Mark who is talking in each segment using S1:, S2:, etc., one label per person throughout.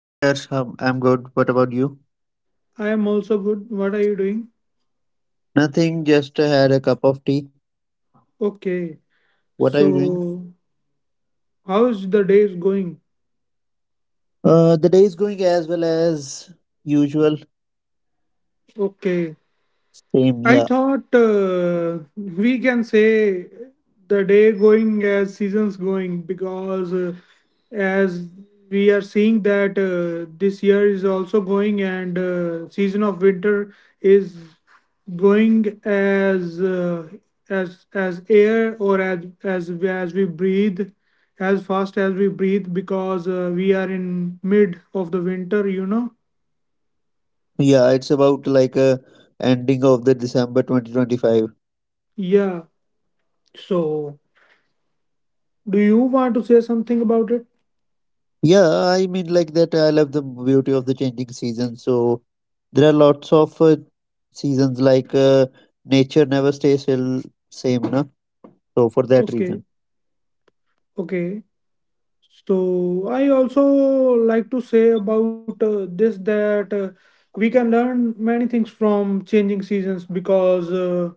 S1: Hi, Arsham. I'm good. What about you?
S2: I am also good. What are you doing?
S1: Nothing, just had a cup of tea.
S2: Okay.
S1: What are you doing?
S2: So, how's the day is going?
S1: The day is going as well as usual.
S2: Okay.
S1: Same,
S2: I
S1: yeah.
S2: thought we can say the day going as seasons going, because as we are seeing that this year is also going, and season of winter is going as air, or as we breathe, as fast as we breathe, because we are in mid of the winter.
S1: Yeah, it's about like a ending of the December 2025.
S2: Yeah, so do you want to say something about it?
S1: Yeah, I mean like that I love the beauty of the changing seasons. So there are lots of seasons like nature never stays still same, na? So for that
S2: Okay,
S1: reason.
S2: okay. So I also like to say about this, that we can learn many things from changing seasons, because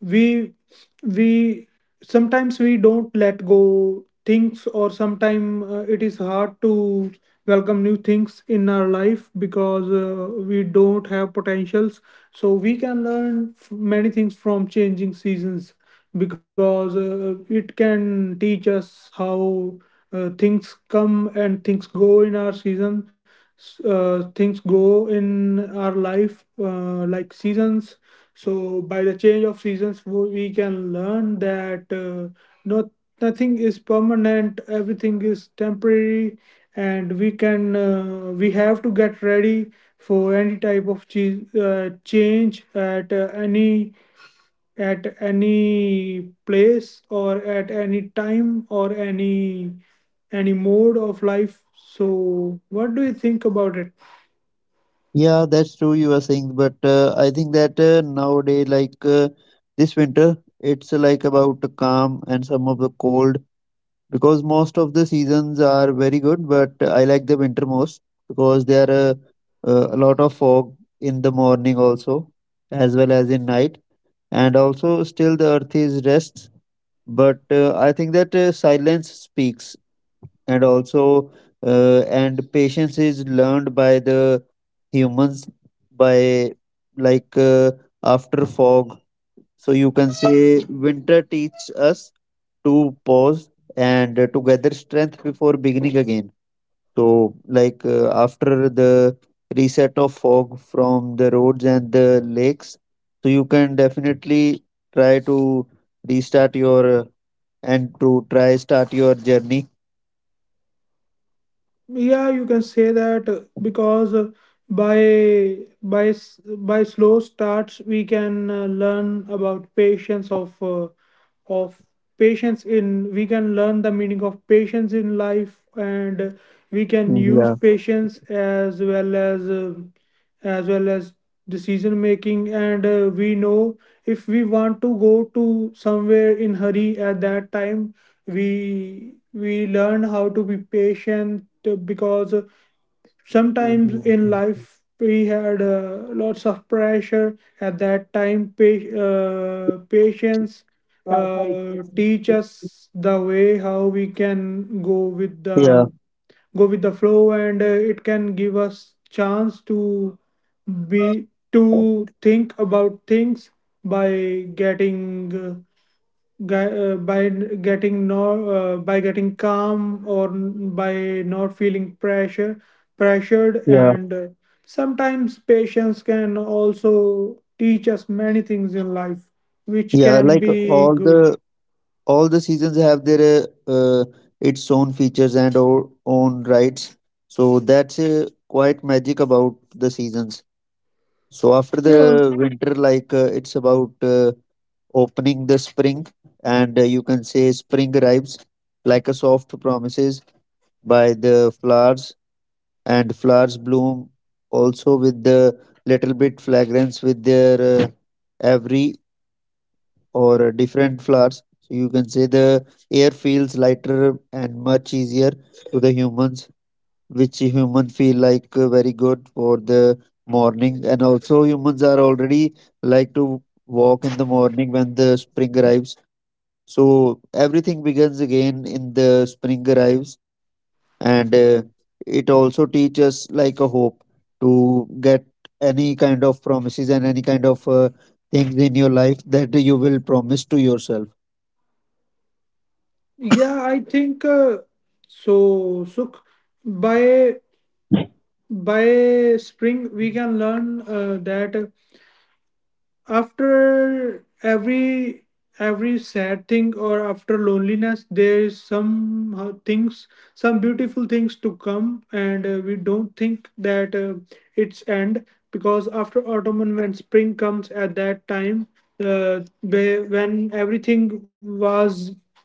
S2: we we sometimes we don't let go things, or sometimes it is hard to welcome new things in our life, because we don't have potentials. So we can learn many things from changing seasons, because it can teach us how things come, and things go in our life, like seasons. So by the change of seasons, we can learn that not nothing is permanent, everything is temporary, and we have to get ready for any type of change at any at any place, or at any time, or any mode of life. So what do you think about it?
S1: Yeah, that's true. You are saying, but I think that nowadays, like this winter, it's like about the calm and some of the cold because most of the seasons are very good. But I like the winter most because there are a lot of fog in the morning also, as well as in night, and also still the earth is rests. But I think that silence speaks, and also and patience is learned by the humans by like after fog. So you can say winter teaches us to pause and to gather strength before beginning again. So like after the reset of fog from the roads and the lakes, so you can definitely try to restart your and to try start your journey.
S2: Yeah, you can say that, because by by s- by slow starts we can learn about patience of patience in we can learn the meaning of patience in life, and we can use
S1: Yeah.
S2: patience as well as decision making. And we know, if we want to go to somewhere in hurry, at that time we learn how to be patient, because sometimes in
S1: Yeah,
S2: life we had lots of pressure. At that time, patience teach us the way how we can
S1: yeah,
S2: go with the flow, and it can give us chance to be to think about things by getting by getting calm, or by not feeling pressured, and sometimes patience can also teach us many things in life, which
S1: yeah.
S2: can
S1: Like
S2: be
S1: all
S2: good.
S1: the all the seasons have their its own features and our own rights. So that's quite magic about the seasons. So after
S2: Yeah,
S1: the winter, like it's about opening the spring, and you can say spring arrives like a soft promises by the flowers, and flowers bloom also with the little bit fragrance with their every or different flowers. So you can say the air feels lighter and much easier to the humans, which human feel like very good for the morning, and also humans are already like to walk in the morning when the spring arrives. So everything begins again in the spring arrives, and it also teaches like a hope to get any kind of promises and any kind of things in your life that you will promise to yourself.
S2: yeah, I think, so, Suk, by by spring we can learn, that after every sad thing, or after loneliness there is some beautiful things to come, and we don't think that it's end, because after autumn and when spring comes, at that time when everything was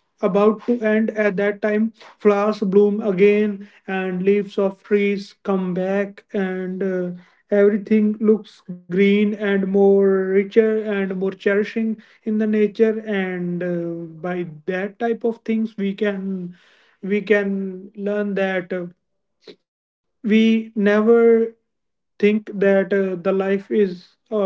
S2: about to end, at that time flowers bloom again, and leaves of trees come back, and everything looks green, and more richer and more cherishing in the nature. And by that type of things we can learn that, we never think that the life is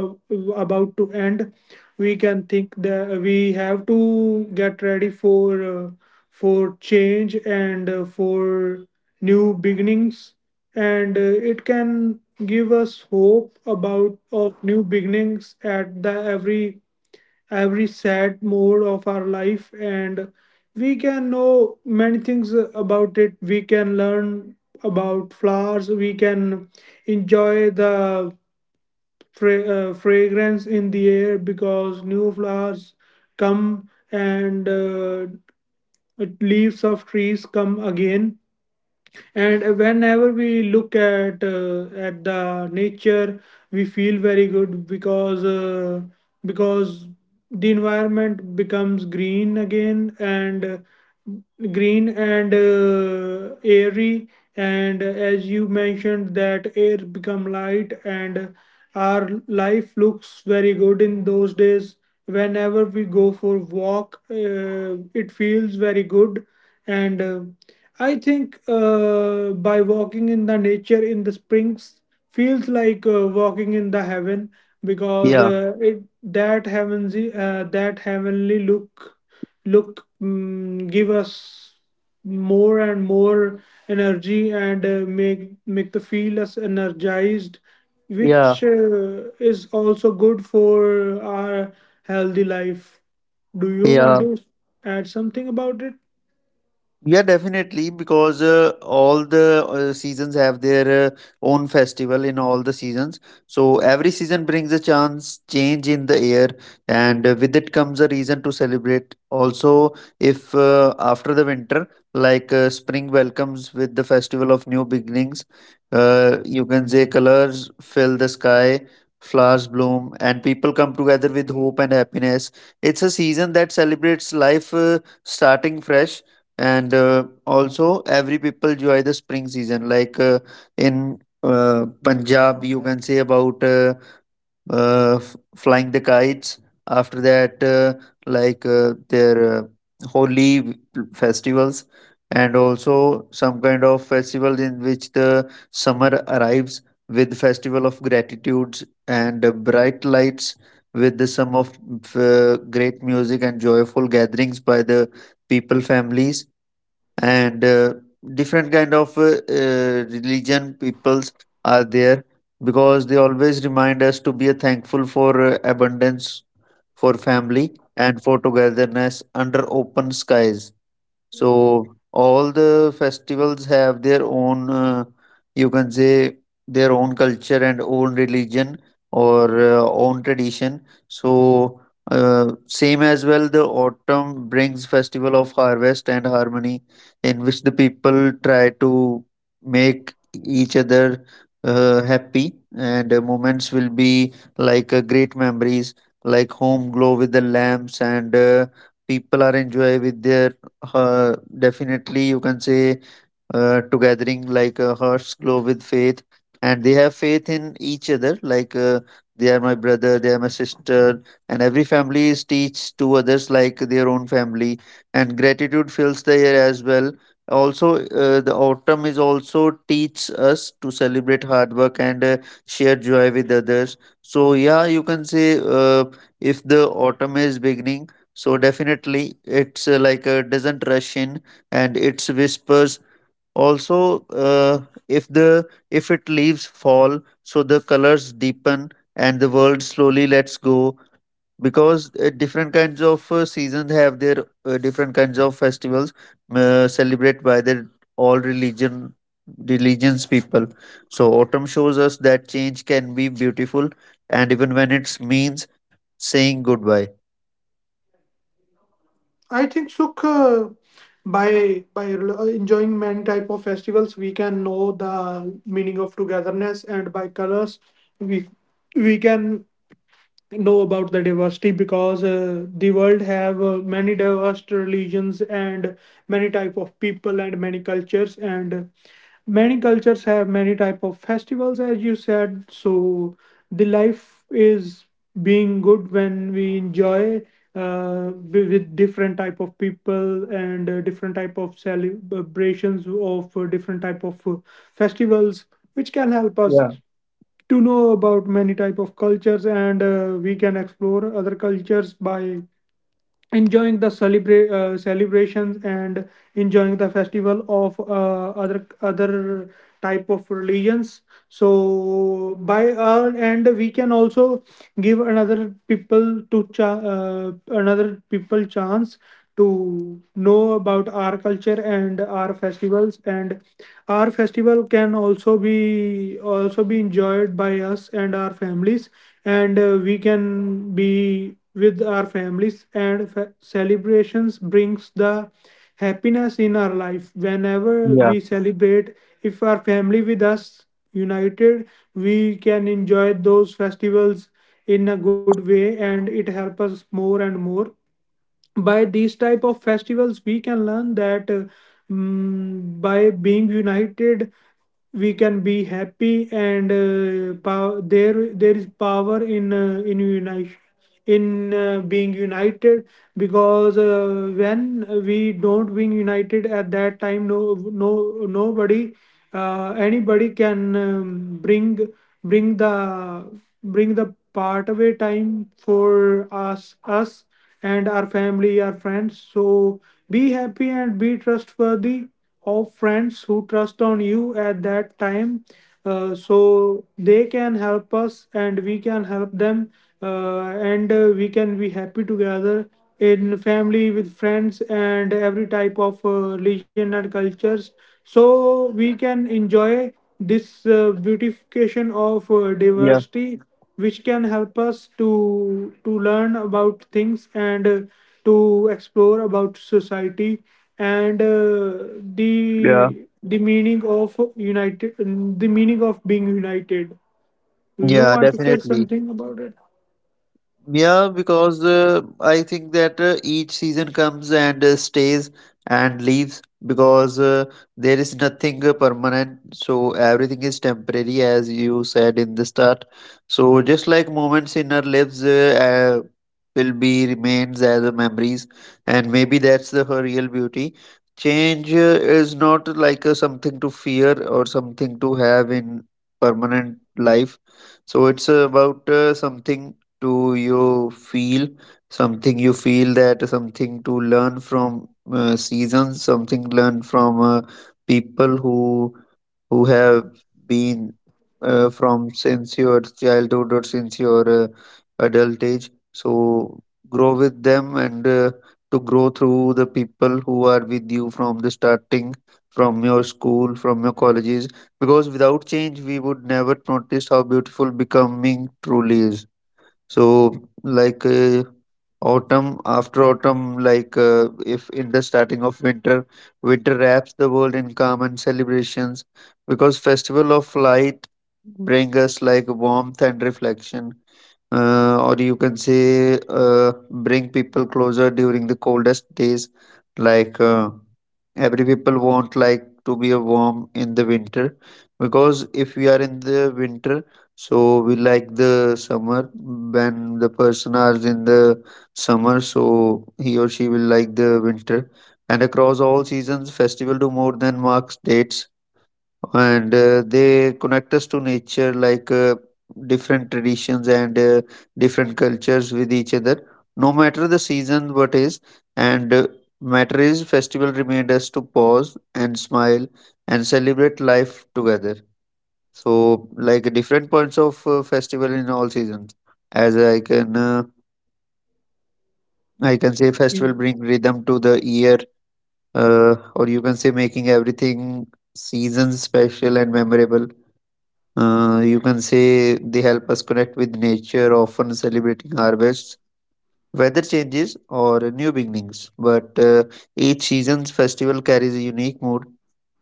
S2: about to end. We can think that we have to get ready for, change, and for new beginnings, and it can give us hope about of new beginnings at the every every sad mode of our life, and we can know many things about it. We can learn about flowers, we can enjoy the fra- fragrance in the air, because new flowers come, and leaves of trees come again, and whenever we look at the nature we feel very good, because because the environment becomes green again, and green, and airy, and as you mentioned, that air become light, and our life looks very good in those days. Whenever we go for walk, it feels very good, and I think, by walking in the nature in the springs feels like walking in the heaven, because
S1: Yeah,
S2: it, that heavenly, look, give us more and more energy, and make the feel us energized, which
S1: yeah,
S2: is also good for our healthy life. Do you want
S1: yeah.
S2: to add something about it?
S1: Yeah, definitely, because all the seasons have their own festival in all the seasons. So every season brings a chance, change in the air, and with it comes a reason to celebrate. Also, if after the winter, like spring welcomes with the festival of new beginnings, you can say colors fill the sky, flowers bloom, and people come together with hope and happiness. It's a season that celebrates life starting fresh, and also every people enjoy the spring season like in punjab you can say about flying the kites. After that like their holy w- festivals, and also some kind of festival in which the summer arrives with festival of gratitudes and bright lights with the sum of great music and joyful gatherings by the people families, and different kind of religion peoples are there, because they always remind us to be thankful for abundance, for family and for togetherness under open skies. So all the festivals have their own, you can say, their own culture and own religion or own tradition. So same as well, the autumn brings festival of harvest and harmony, in which the people try to make each other happy, and moments will be like great memories, like home glow with the lamps and. People are enjoy with their definitely you can say to gathering like hearts glow with faith, and they have faith in each other like they are my brother, they are my sister, and every family is teach to others like their own family, and gratitude fills the air as well. Also the autumn is also teach us to celebrate hard work and share joy with others. So yeah, you can say if the autumn is beginning, so definitely it's like doesn't rush in, and it's whispers also. If the if it leaves fall, so the colors deepen and the world slowly lets go, because different kinds of seasons have their different kinds of festivals, celebrate by their all religions people. So autumn shows us that change can be beautiful, and even when it means saying goodbye.
S2: I think so. Enjoying many type of festivals, we can know the meaning of togetherness, and by colors, we we can know about the diversity, because the world have many diverse religions, and many type of people, and many cultures, and many cultures have many type of festivals, as you said. So the life is being good when we enjoy, with different type of people, and different type of celebrations of different type of festivals, which can help us to know about many type of cultures. And we can explore other cultures by enjoying the celebrations, and enjoying the festival of other type of religions. So by our end we can also give another people chance to know about our culture and our festivals, and our festival can also be enjoyed by us and our families. And we can be with our families. And celebrations brings the happiness in our life. Whenever we celebrate, if our family with us united, we can enjoy those festivals in a good way, and it helps us more and more. By these type of festivals we can learn that, by being united we can be happy, and there is power in, in unite in being united, because when we don't being united, at that time no no nobody anybody can bring the bring the part away time for us and our family, our friends. So be happy, and be trustworthy of friends who trust on you at that time. So they can help us, and we can help them, uh, and we can be happy together in family with friends, and every type of religion and cultures, so we can enjoy this beautification of
S1: Yeah,
S2: diversity, which can help us to learn about things, and to explore about society, and
S1: yeah,
S2: the the meaning of united the meaning of being united. Do you
S1: yeah,
S2: want to say
S1: definitely.
S2: something about it?
S1: Yeah, because I think that each season comes and stays and leaves, because there is nothing permanent. So everything is temporary, as you said in the start. So just like moments in our lives will be remains as a memories, and maybe that's the her real beauty. Change is not like something to fear or something to have in permanent life. So it's about something, do you feel? Something you feel that something to learn from seasons, something learn from people who have been from since your childhood or since your adult age. So grow with them, and to grow through the people who are with you from the starting, from your school, from your colleges, because without change we would never notice how beautiful becoming truly is. So, like autumn, after autumn, like if in the starting of winter, winter wraps the world in calm and celebrations because festival of light bring us like warmth and reflection, or you can say bring people closer during the coldest days. Like every people want like to be a warm in the winter, because if we are in the winter, so we like the summer. When the person are in the summer, so he or she will like the winter. And across all seasons, festival do more than marks dates, and they connect us to nature, like different traditions and different cultures with each other. No matter the season, what is, and matter is festival remind us to pause and smile and celebrate life together. So like different points of festival in all seasons. As I can say festival
S2: You-
S1: bring rhythm to the year, or you can say making everything season special and memorable. You can say they help us connect with nature, often celebrating harvests, weather changes, or new beginnings. But each season's festival carries a unique mood.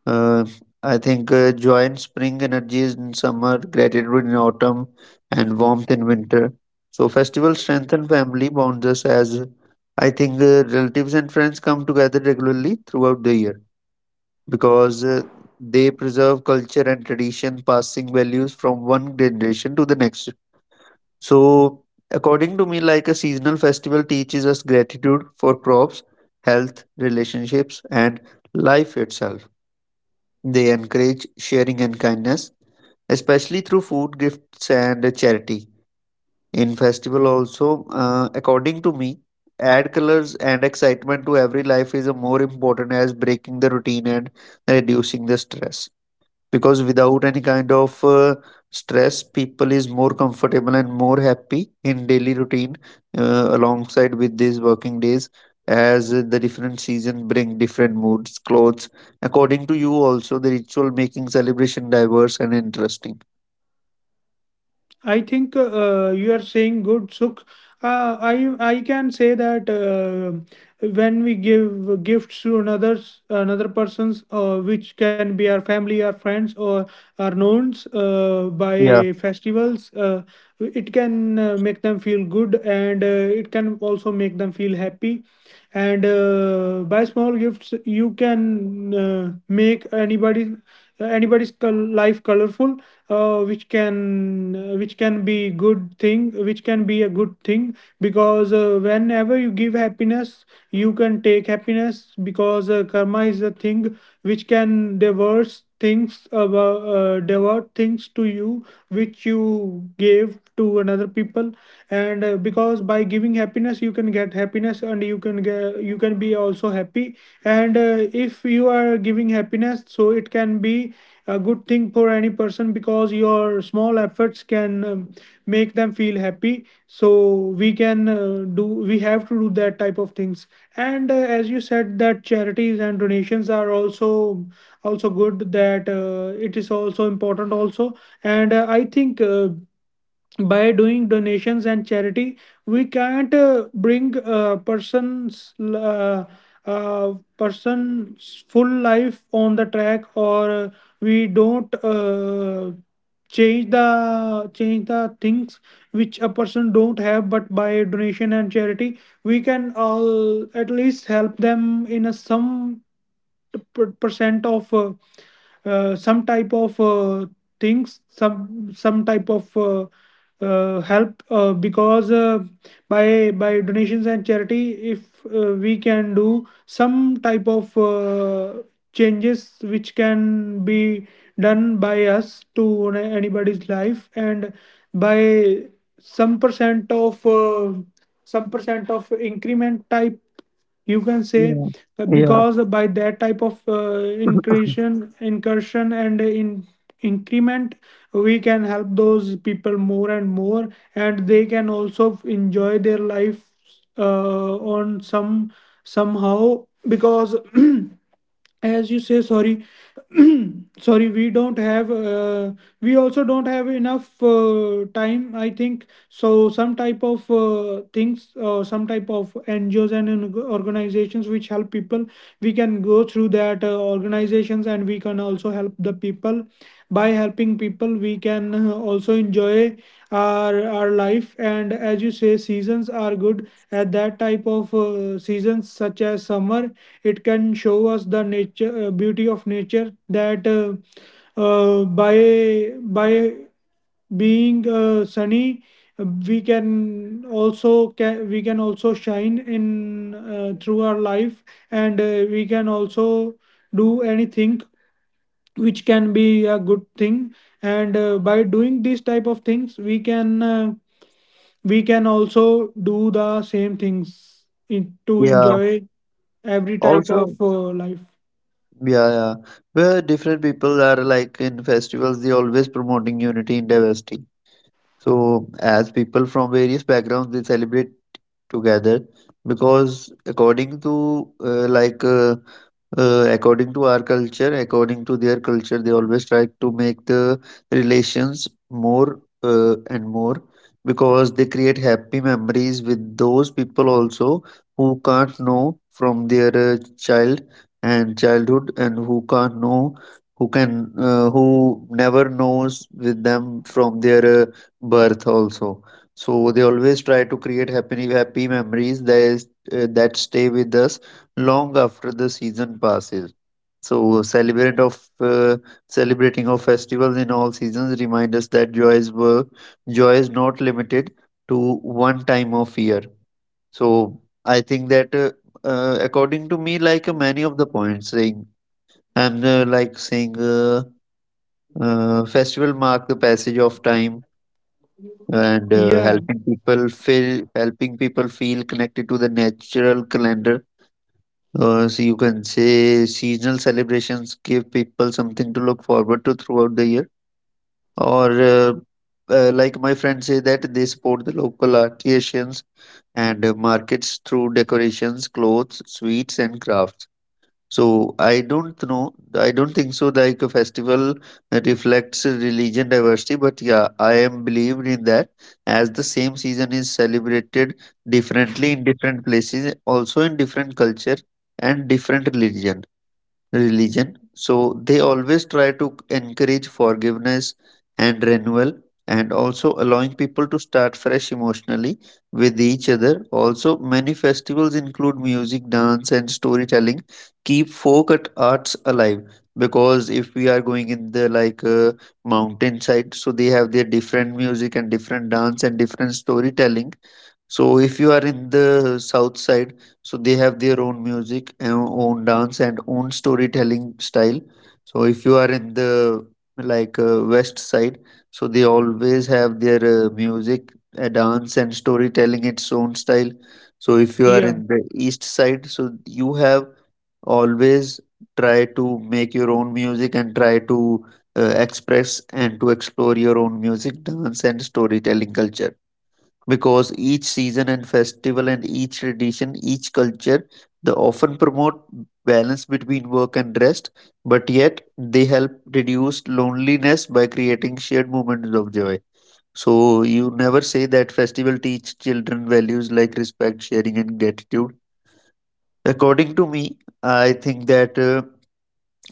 S1: Uh, I think joy in spring, energy is in summer, gratitude in autumn, and warmth in winter. So festivals strengthen family bonds us as I think relatives and friends come together regularly throughout the year, because they preserve culture and tradition, passing values from one generation to the next. So, according to me, like a seasonal festival teaches us gratitude for crops, health, relationships, and life itself. They encourage sharing and kindness, especially through food, gifts, and charity. In festival, also, according to me, add colors and excitement to every life is a more important as breaking the routine and reducing the stress, because without any kind of stress people is more comfortable and more happy in daily routine, alongside with these working days, as the different season bring different moods clothes, according to you also the ritual making celebration diverse and interesting.
S2: I think, you are saying good, Sukh. I can say that, when we give gifts to another person's, which can be our family, our friends, or our knowns, by
S1: Yeah,
S2: festivals, it can make them feel good, and it can also make them feel happy. And by small gifts, you can make anybody's life colorful, which can be a good thing, because whenever you give happiness you can take happiness, because karma is a thing which can diverse things about divert things to you, which you gave to another people. And because by giving happiness you can get happiness, and you can be also happy. And if you are giving happiness, so it can be a good thing for any person, because your small efforts can make them feel happy, so we have to do that type of things. And as you said that charities and donations are also good, that it is also important also. And I think, by doing donations and charity, we can't bring person's full life on the track, or we don't change the things which a person don't have, but by donation and charity we can all at least help them in a some percent of some type of things, some type of help, because by donations and charity, if we can do some type of changes, which can be done by us to anybody's life, and by some percent of uh, some percent of increment type, you can say,
S1: yeah, yeah,
S2: because by that type of incursion and in increment, we can help those people more and more, and they can also enjoy their life on some, somehow, because as you say, sorry, sorry, we also don't have enough time. I think so, some type of NGOs and organizations which help people. We can go through that organizations, and we can also help the people. By helping people we can also enjoy our life, and as you say, seasons are good. At that type of seasons, such as summer, it can show us the nature beauty of nature, that by being sunny, we can also shine in through our life, and we can also do anything which can be a good thing. And by doing these type of things we can also do the same things to
S1: yeah,
S2: enjoy every type of
S1: also,
S2: life.
S1: yeah, yeah, where different people are like in festivals, they always promoting unity in diversity. So, as people from various backgrounds, they celebrate together because according to like according to our culture, according to their culture, they always try to make the relations more and more, because they create happy memories with those people also who can't know from their child and childhood, and who can't know who can who never knows with them from their birth also. So they always try to create happy memories that is, that stay with us long after the season passes. So celebrate of celebrating of festivals in all seasons remind us that joy is not limited to one time of year. So I think that according to me, like many of the points saying, I'm like saying festival mark the passage of time, and
S2: Yeah,
S1: helping people feel connected to the natural calendar, so you can say seasonal celebrations give people something to look forward to throughout the year. Or like my friends say that they support the local artisans and markets through decorations, clothes, sweets, and crafts. So I don't know. I don't think so. Like a festival reflects religion diversity, but yeah, I am believed in that. As the same season is celebrated differently in different places, also in different culture and different religion, so they always try to encourage forgiveness and renewal, and also allowing people to start fresh emotionally with each other. Also many festivals include music, dance, and storytelling, keep folk at arts alive. Because if we are going in the mountainside, so they have their different music and different dance and different storytelling. So if you are in the south side, so they have their own music, and own dance, and own storytelling style. So if you are in the west side, so they always have their music, dance, and storytelling its own style. So if you are
S2: yeah.
S1: in the east side, so you have always try to make your own music and try to express and to explore your own music, dance, and storytelling culture. Because each season and festival and each tradition, each culture, they often promote balance between work and rest, but yet they help reduce loneliness by creating shared moments of joy. So you never say that festival teach children values like respect, sharing, and gratitude. According to me, I think that.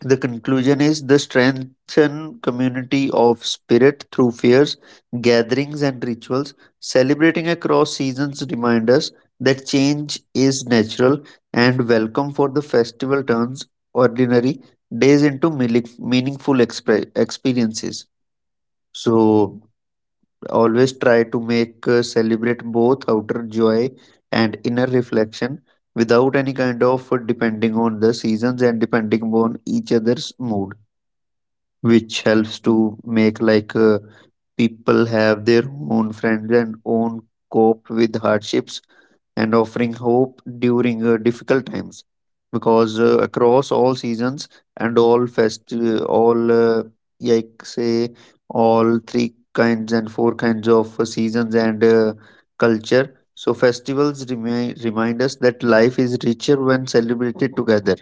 S1: The conclusion is the strengthen community of spirit through fairs, gatherings, and rituals. Celebrating across seasons remind us that change is natural and welcome for the festival turns ordinary days into meaningful experiences. So always try to make celebrate both outer joy and inner reflection without any kind of depending on the seasons and depending on each other's mood, which helps to make people have their own friends and own cope with hardships and offering hope during difficult times. Because across all seasons and all fest all like say all three kinds and four kinds of seasons and culture, so festivals remind us that life is richer when celebrated together.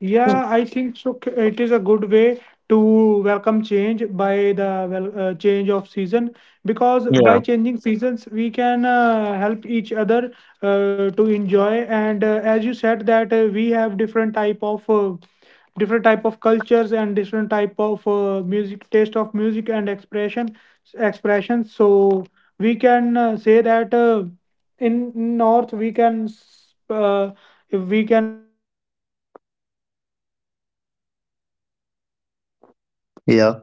S2: Yeah, I think so. It is a good way to welcome change by the, well, change of season, because
S1: Yeah.
S2: by changing seasons we can help each other, to enjoy. And as you said that we have different type of cultures, and different type of music taste of music and expressions. So we can say that in,
S1: Yeah,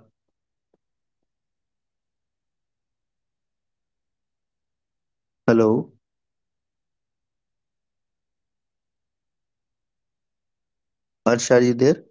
S1: hello. Arsh, are you there?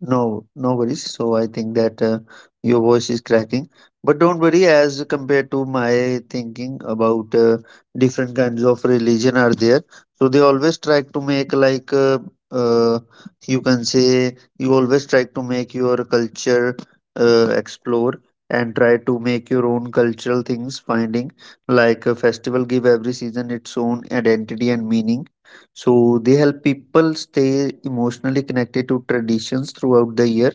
S1: No, no worries. So I think that your voice is cracking, but don't worry. As compared to my thinking about different kinds of religion are there, so they always try to make uh, you can say you always try to make your culture explore and try to make your own cultural things. Finding like a festival give every season its own identity and meaning, so they help people stay emotionally connected to traditions throughout the year.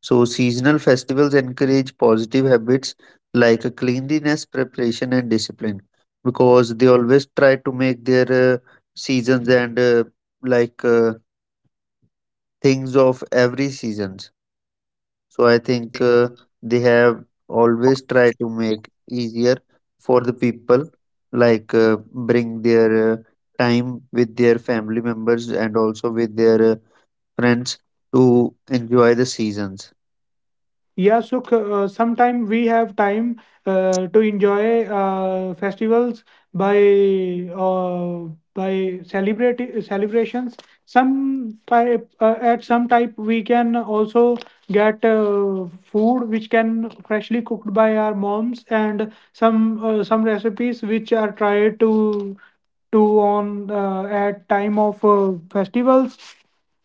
S1: So seasonal festivals encourage positive habits like cleanliness, preparation, and discipline, because they always try to make their seasons and like uh, things of every seasons. So I think they have always tried to make easier for the people bring their time with their family members and also with their friends to enjoy the seasons.
S2: Yeah, so sometime we have time to enjoy festivals by, uh, celebrate celebrations. Some type At some type we can also get food which can freshly cooked by our moms, and some recipes which are tried to on, at time of festivals,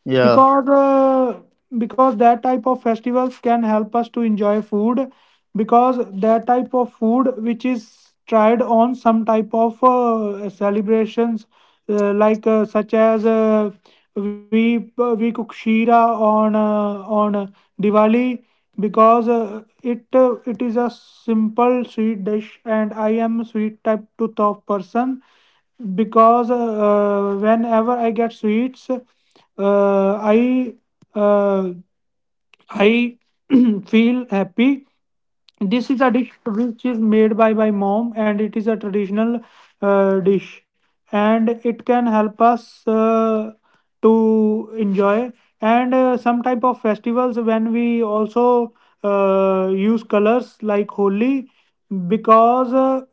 S1: Yeah,
S2: because that type of festivals can help us to enjoy food, because that type of food which is tried on some type of celebrations, such as, we cook shira on, Diwali, because it is a simple sweet dish, and I am a sweet type to tough person, because whenever I get sweets, I uh, I feel happy. This is a dish which is made by my mom, and it is a traditional dish, and it can help us to enjoy. And some type of festivals, when we also use colors, like Holi, because. Uh,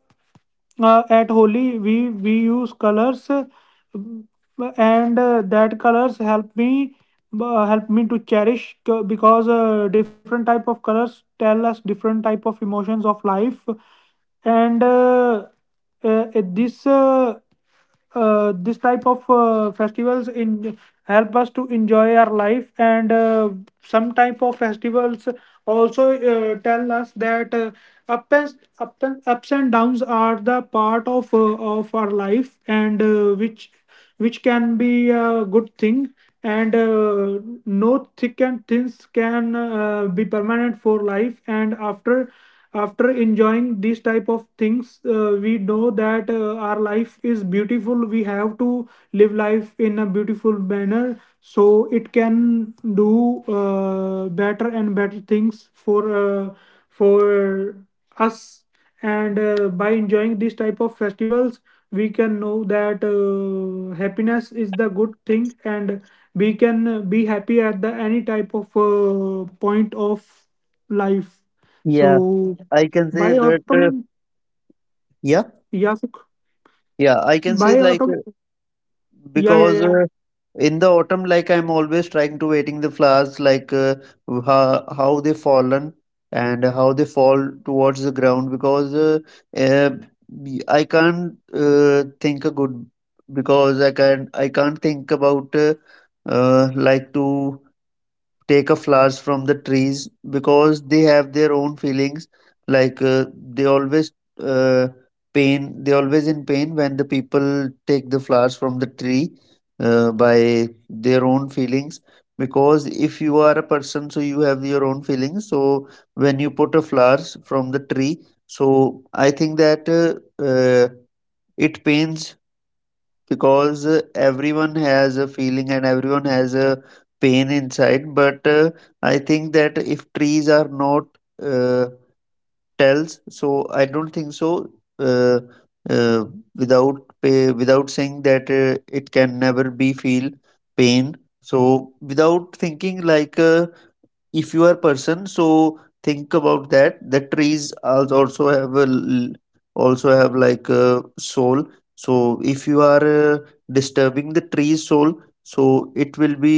S2: uh, at Holi we use colors, and that colors help me to cherish, because different type of colors tell us different type of emotions of life. And uh, this uh, this type of festivals in help us to enjoy our life, and some type of festivals also tell us that, up and ups and downs are the part of our life, and which can be a good thing. And no thick and thins can be permanent for life, and after enjoying these type of things, we know that our life is beautiful. We have to live life in a beautiful manner, so it can do better and better things for, for us, and by enjoying these type of festivals we can know that happiness is the good thing, and we can be happy at the any type of point of life.
S1: yeah,
S2: So
S1: I can say
S2: by
S1: that.
S2: autumn.
S1: Yeah,
S2: Yeah, Sukh.
S1: yeah, I can say
S2: By autumn. Yeah, yeah,
S1: because
S2: yeah.
S1: in the autumn, like I'm always trying to waiting the flowers, how they fallen and how they fall towards the ground. Because uh, I can't think a good, because I can, I can't think about like to. Take a flowers from the trees because they have their own feelings, like uh, they always uh, pain, they always in pain when the people take the flowers from the tree by their own feelings. Because if you are a person, so you have your own feelings, so when you put a flowers from the tree, so I think that uh, it pains. Because everyone has a feeling and everyone has a pain inside, but I think that if trees are not uh, tells, so I don't think so, uh, uh, without without saying that it can never be feel pain. So without thinking if you are person, so think about that the trees also have a also have like a soul. So if you are disturbing the tree's soul, so it will be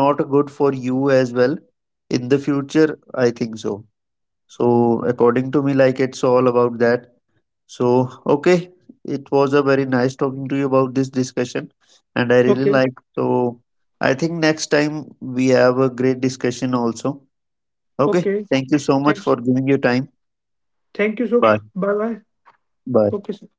S1: not good for you as well in the future, I think so. So according to me, like it's all about that. So okay, it was a very nice talking to you about this discussion, and I really
S2: Okay,
S1: like so. I think next time we have a great discussion also. Okay.
S2: okay.
S1: Thank you so much for
S2: Thanks.
S1: giving your time.
S2: Thank you, Sukh.
S1: Bye.
S2: Bye bye.
S1: Bye.
S2: Okay, Sukh.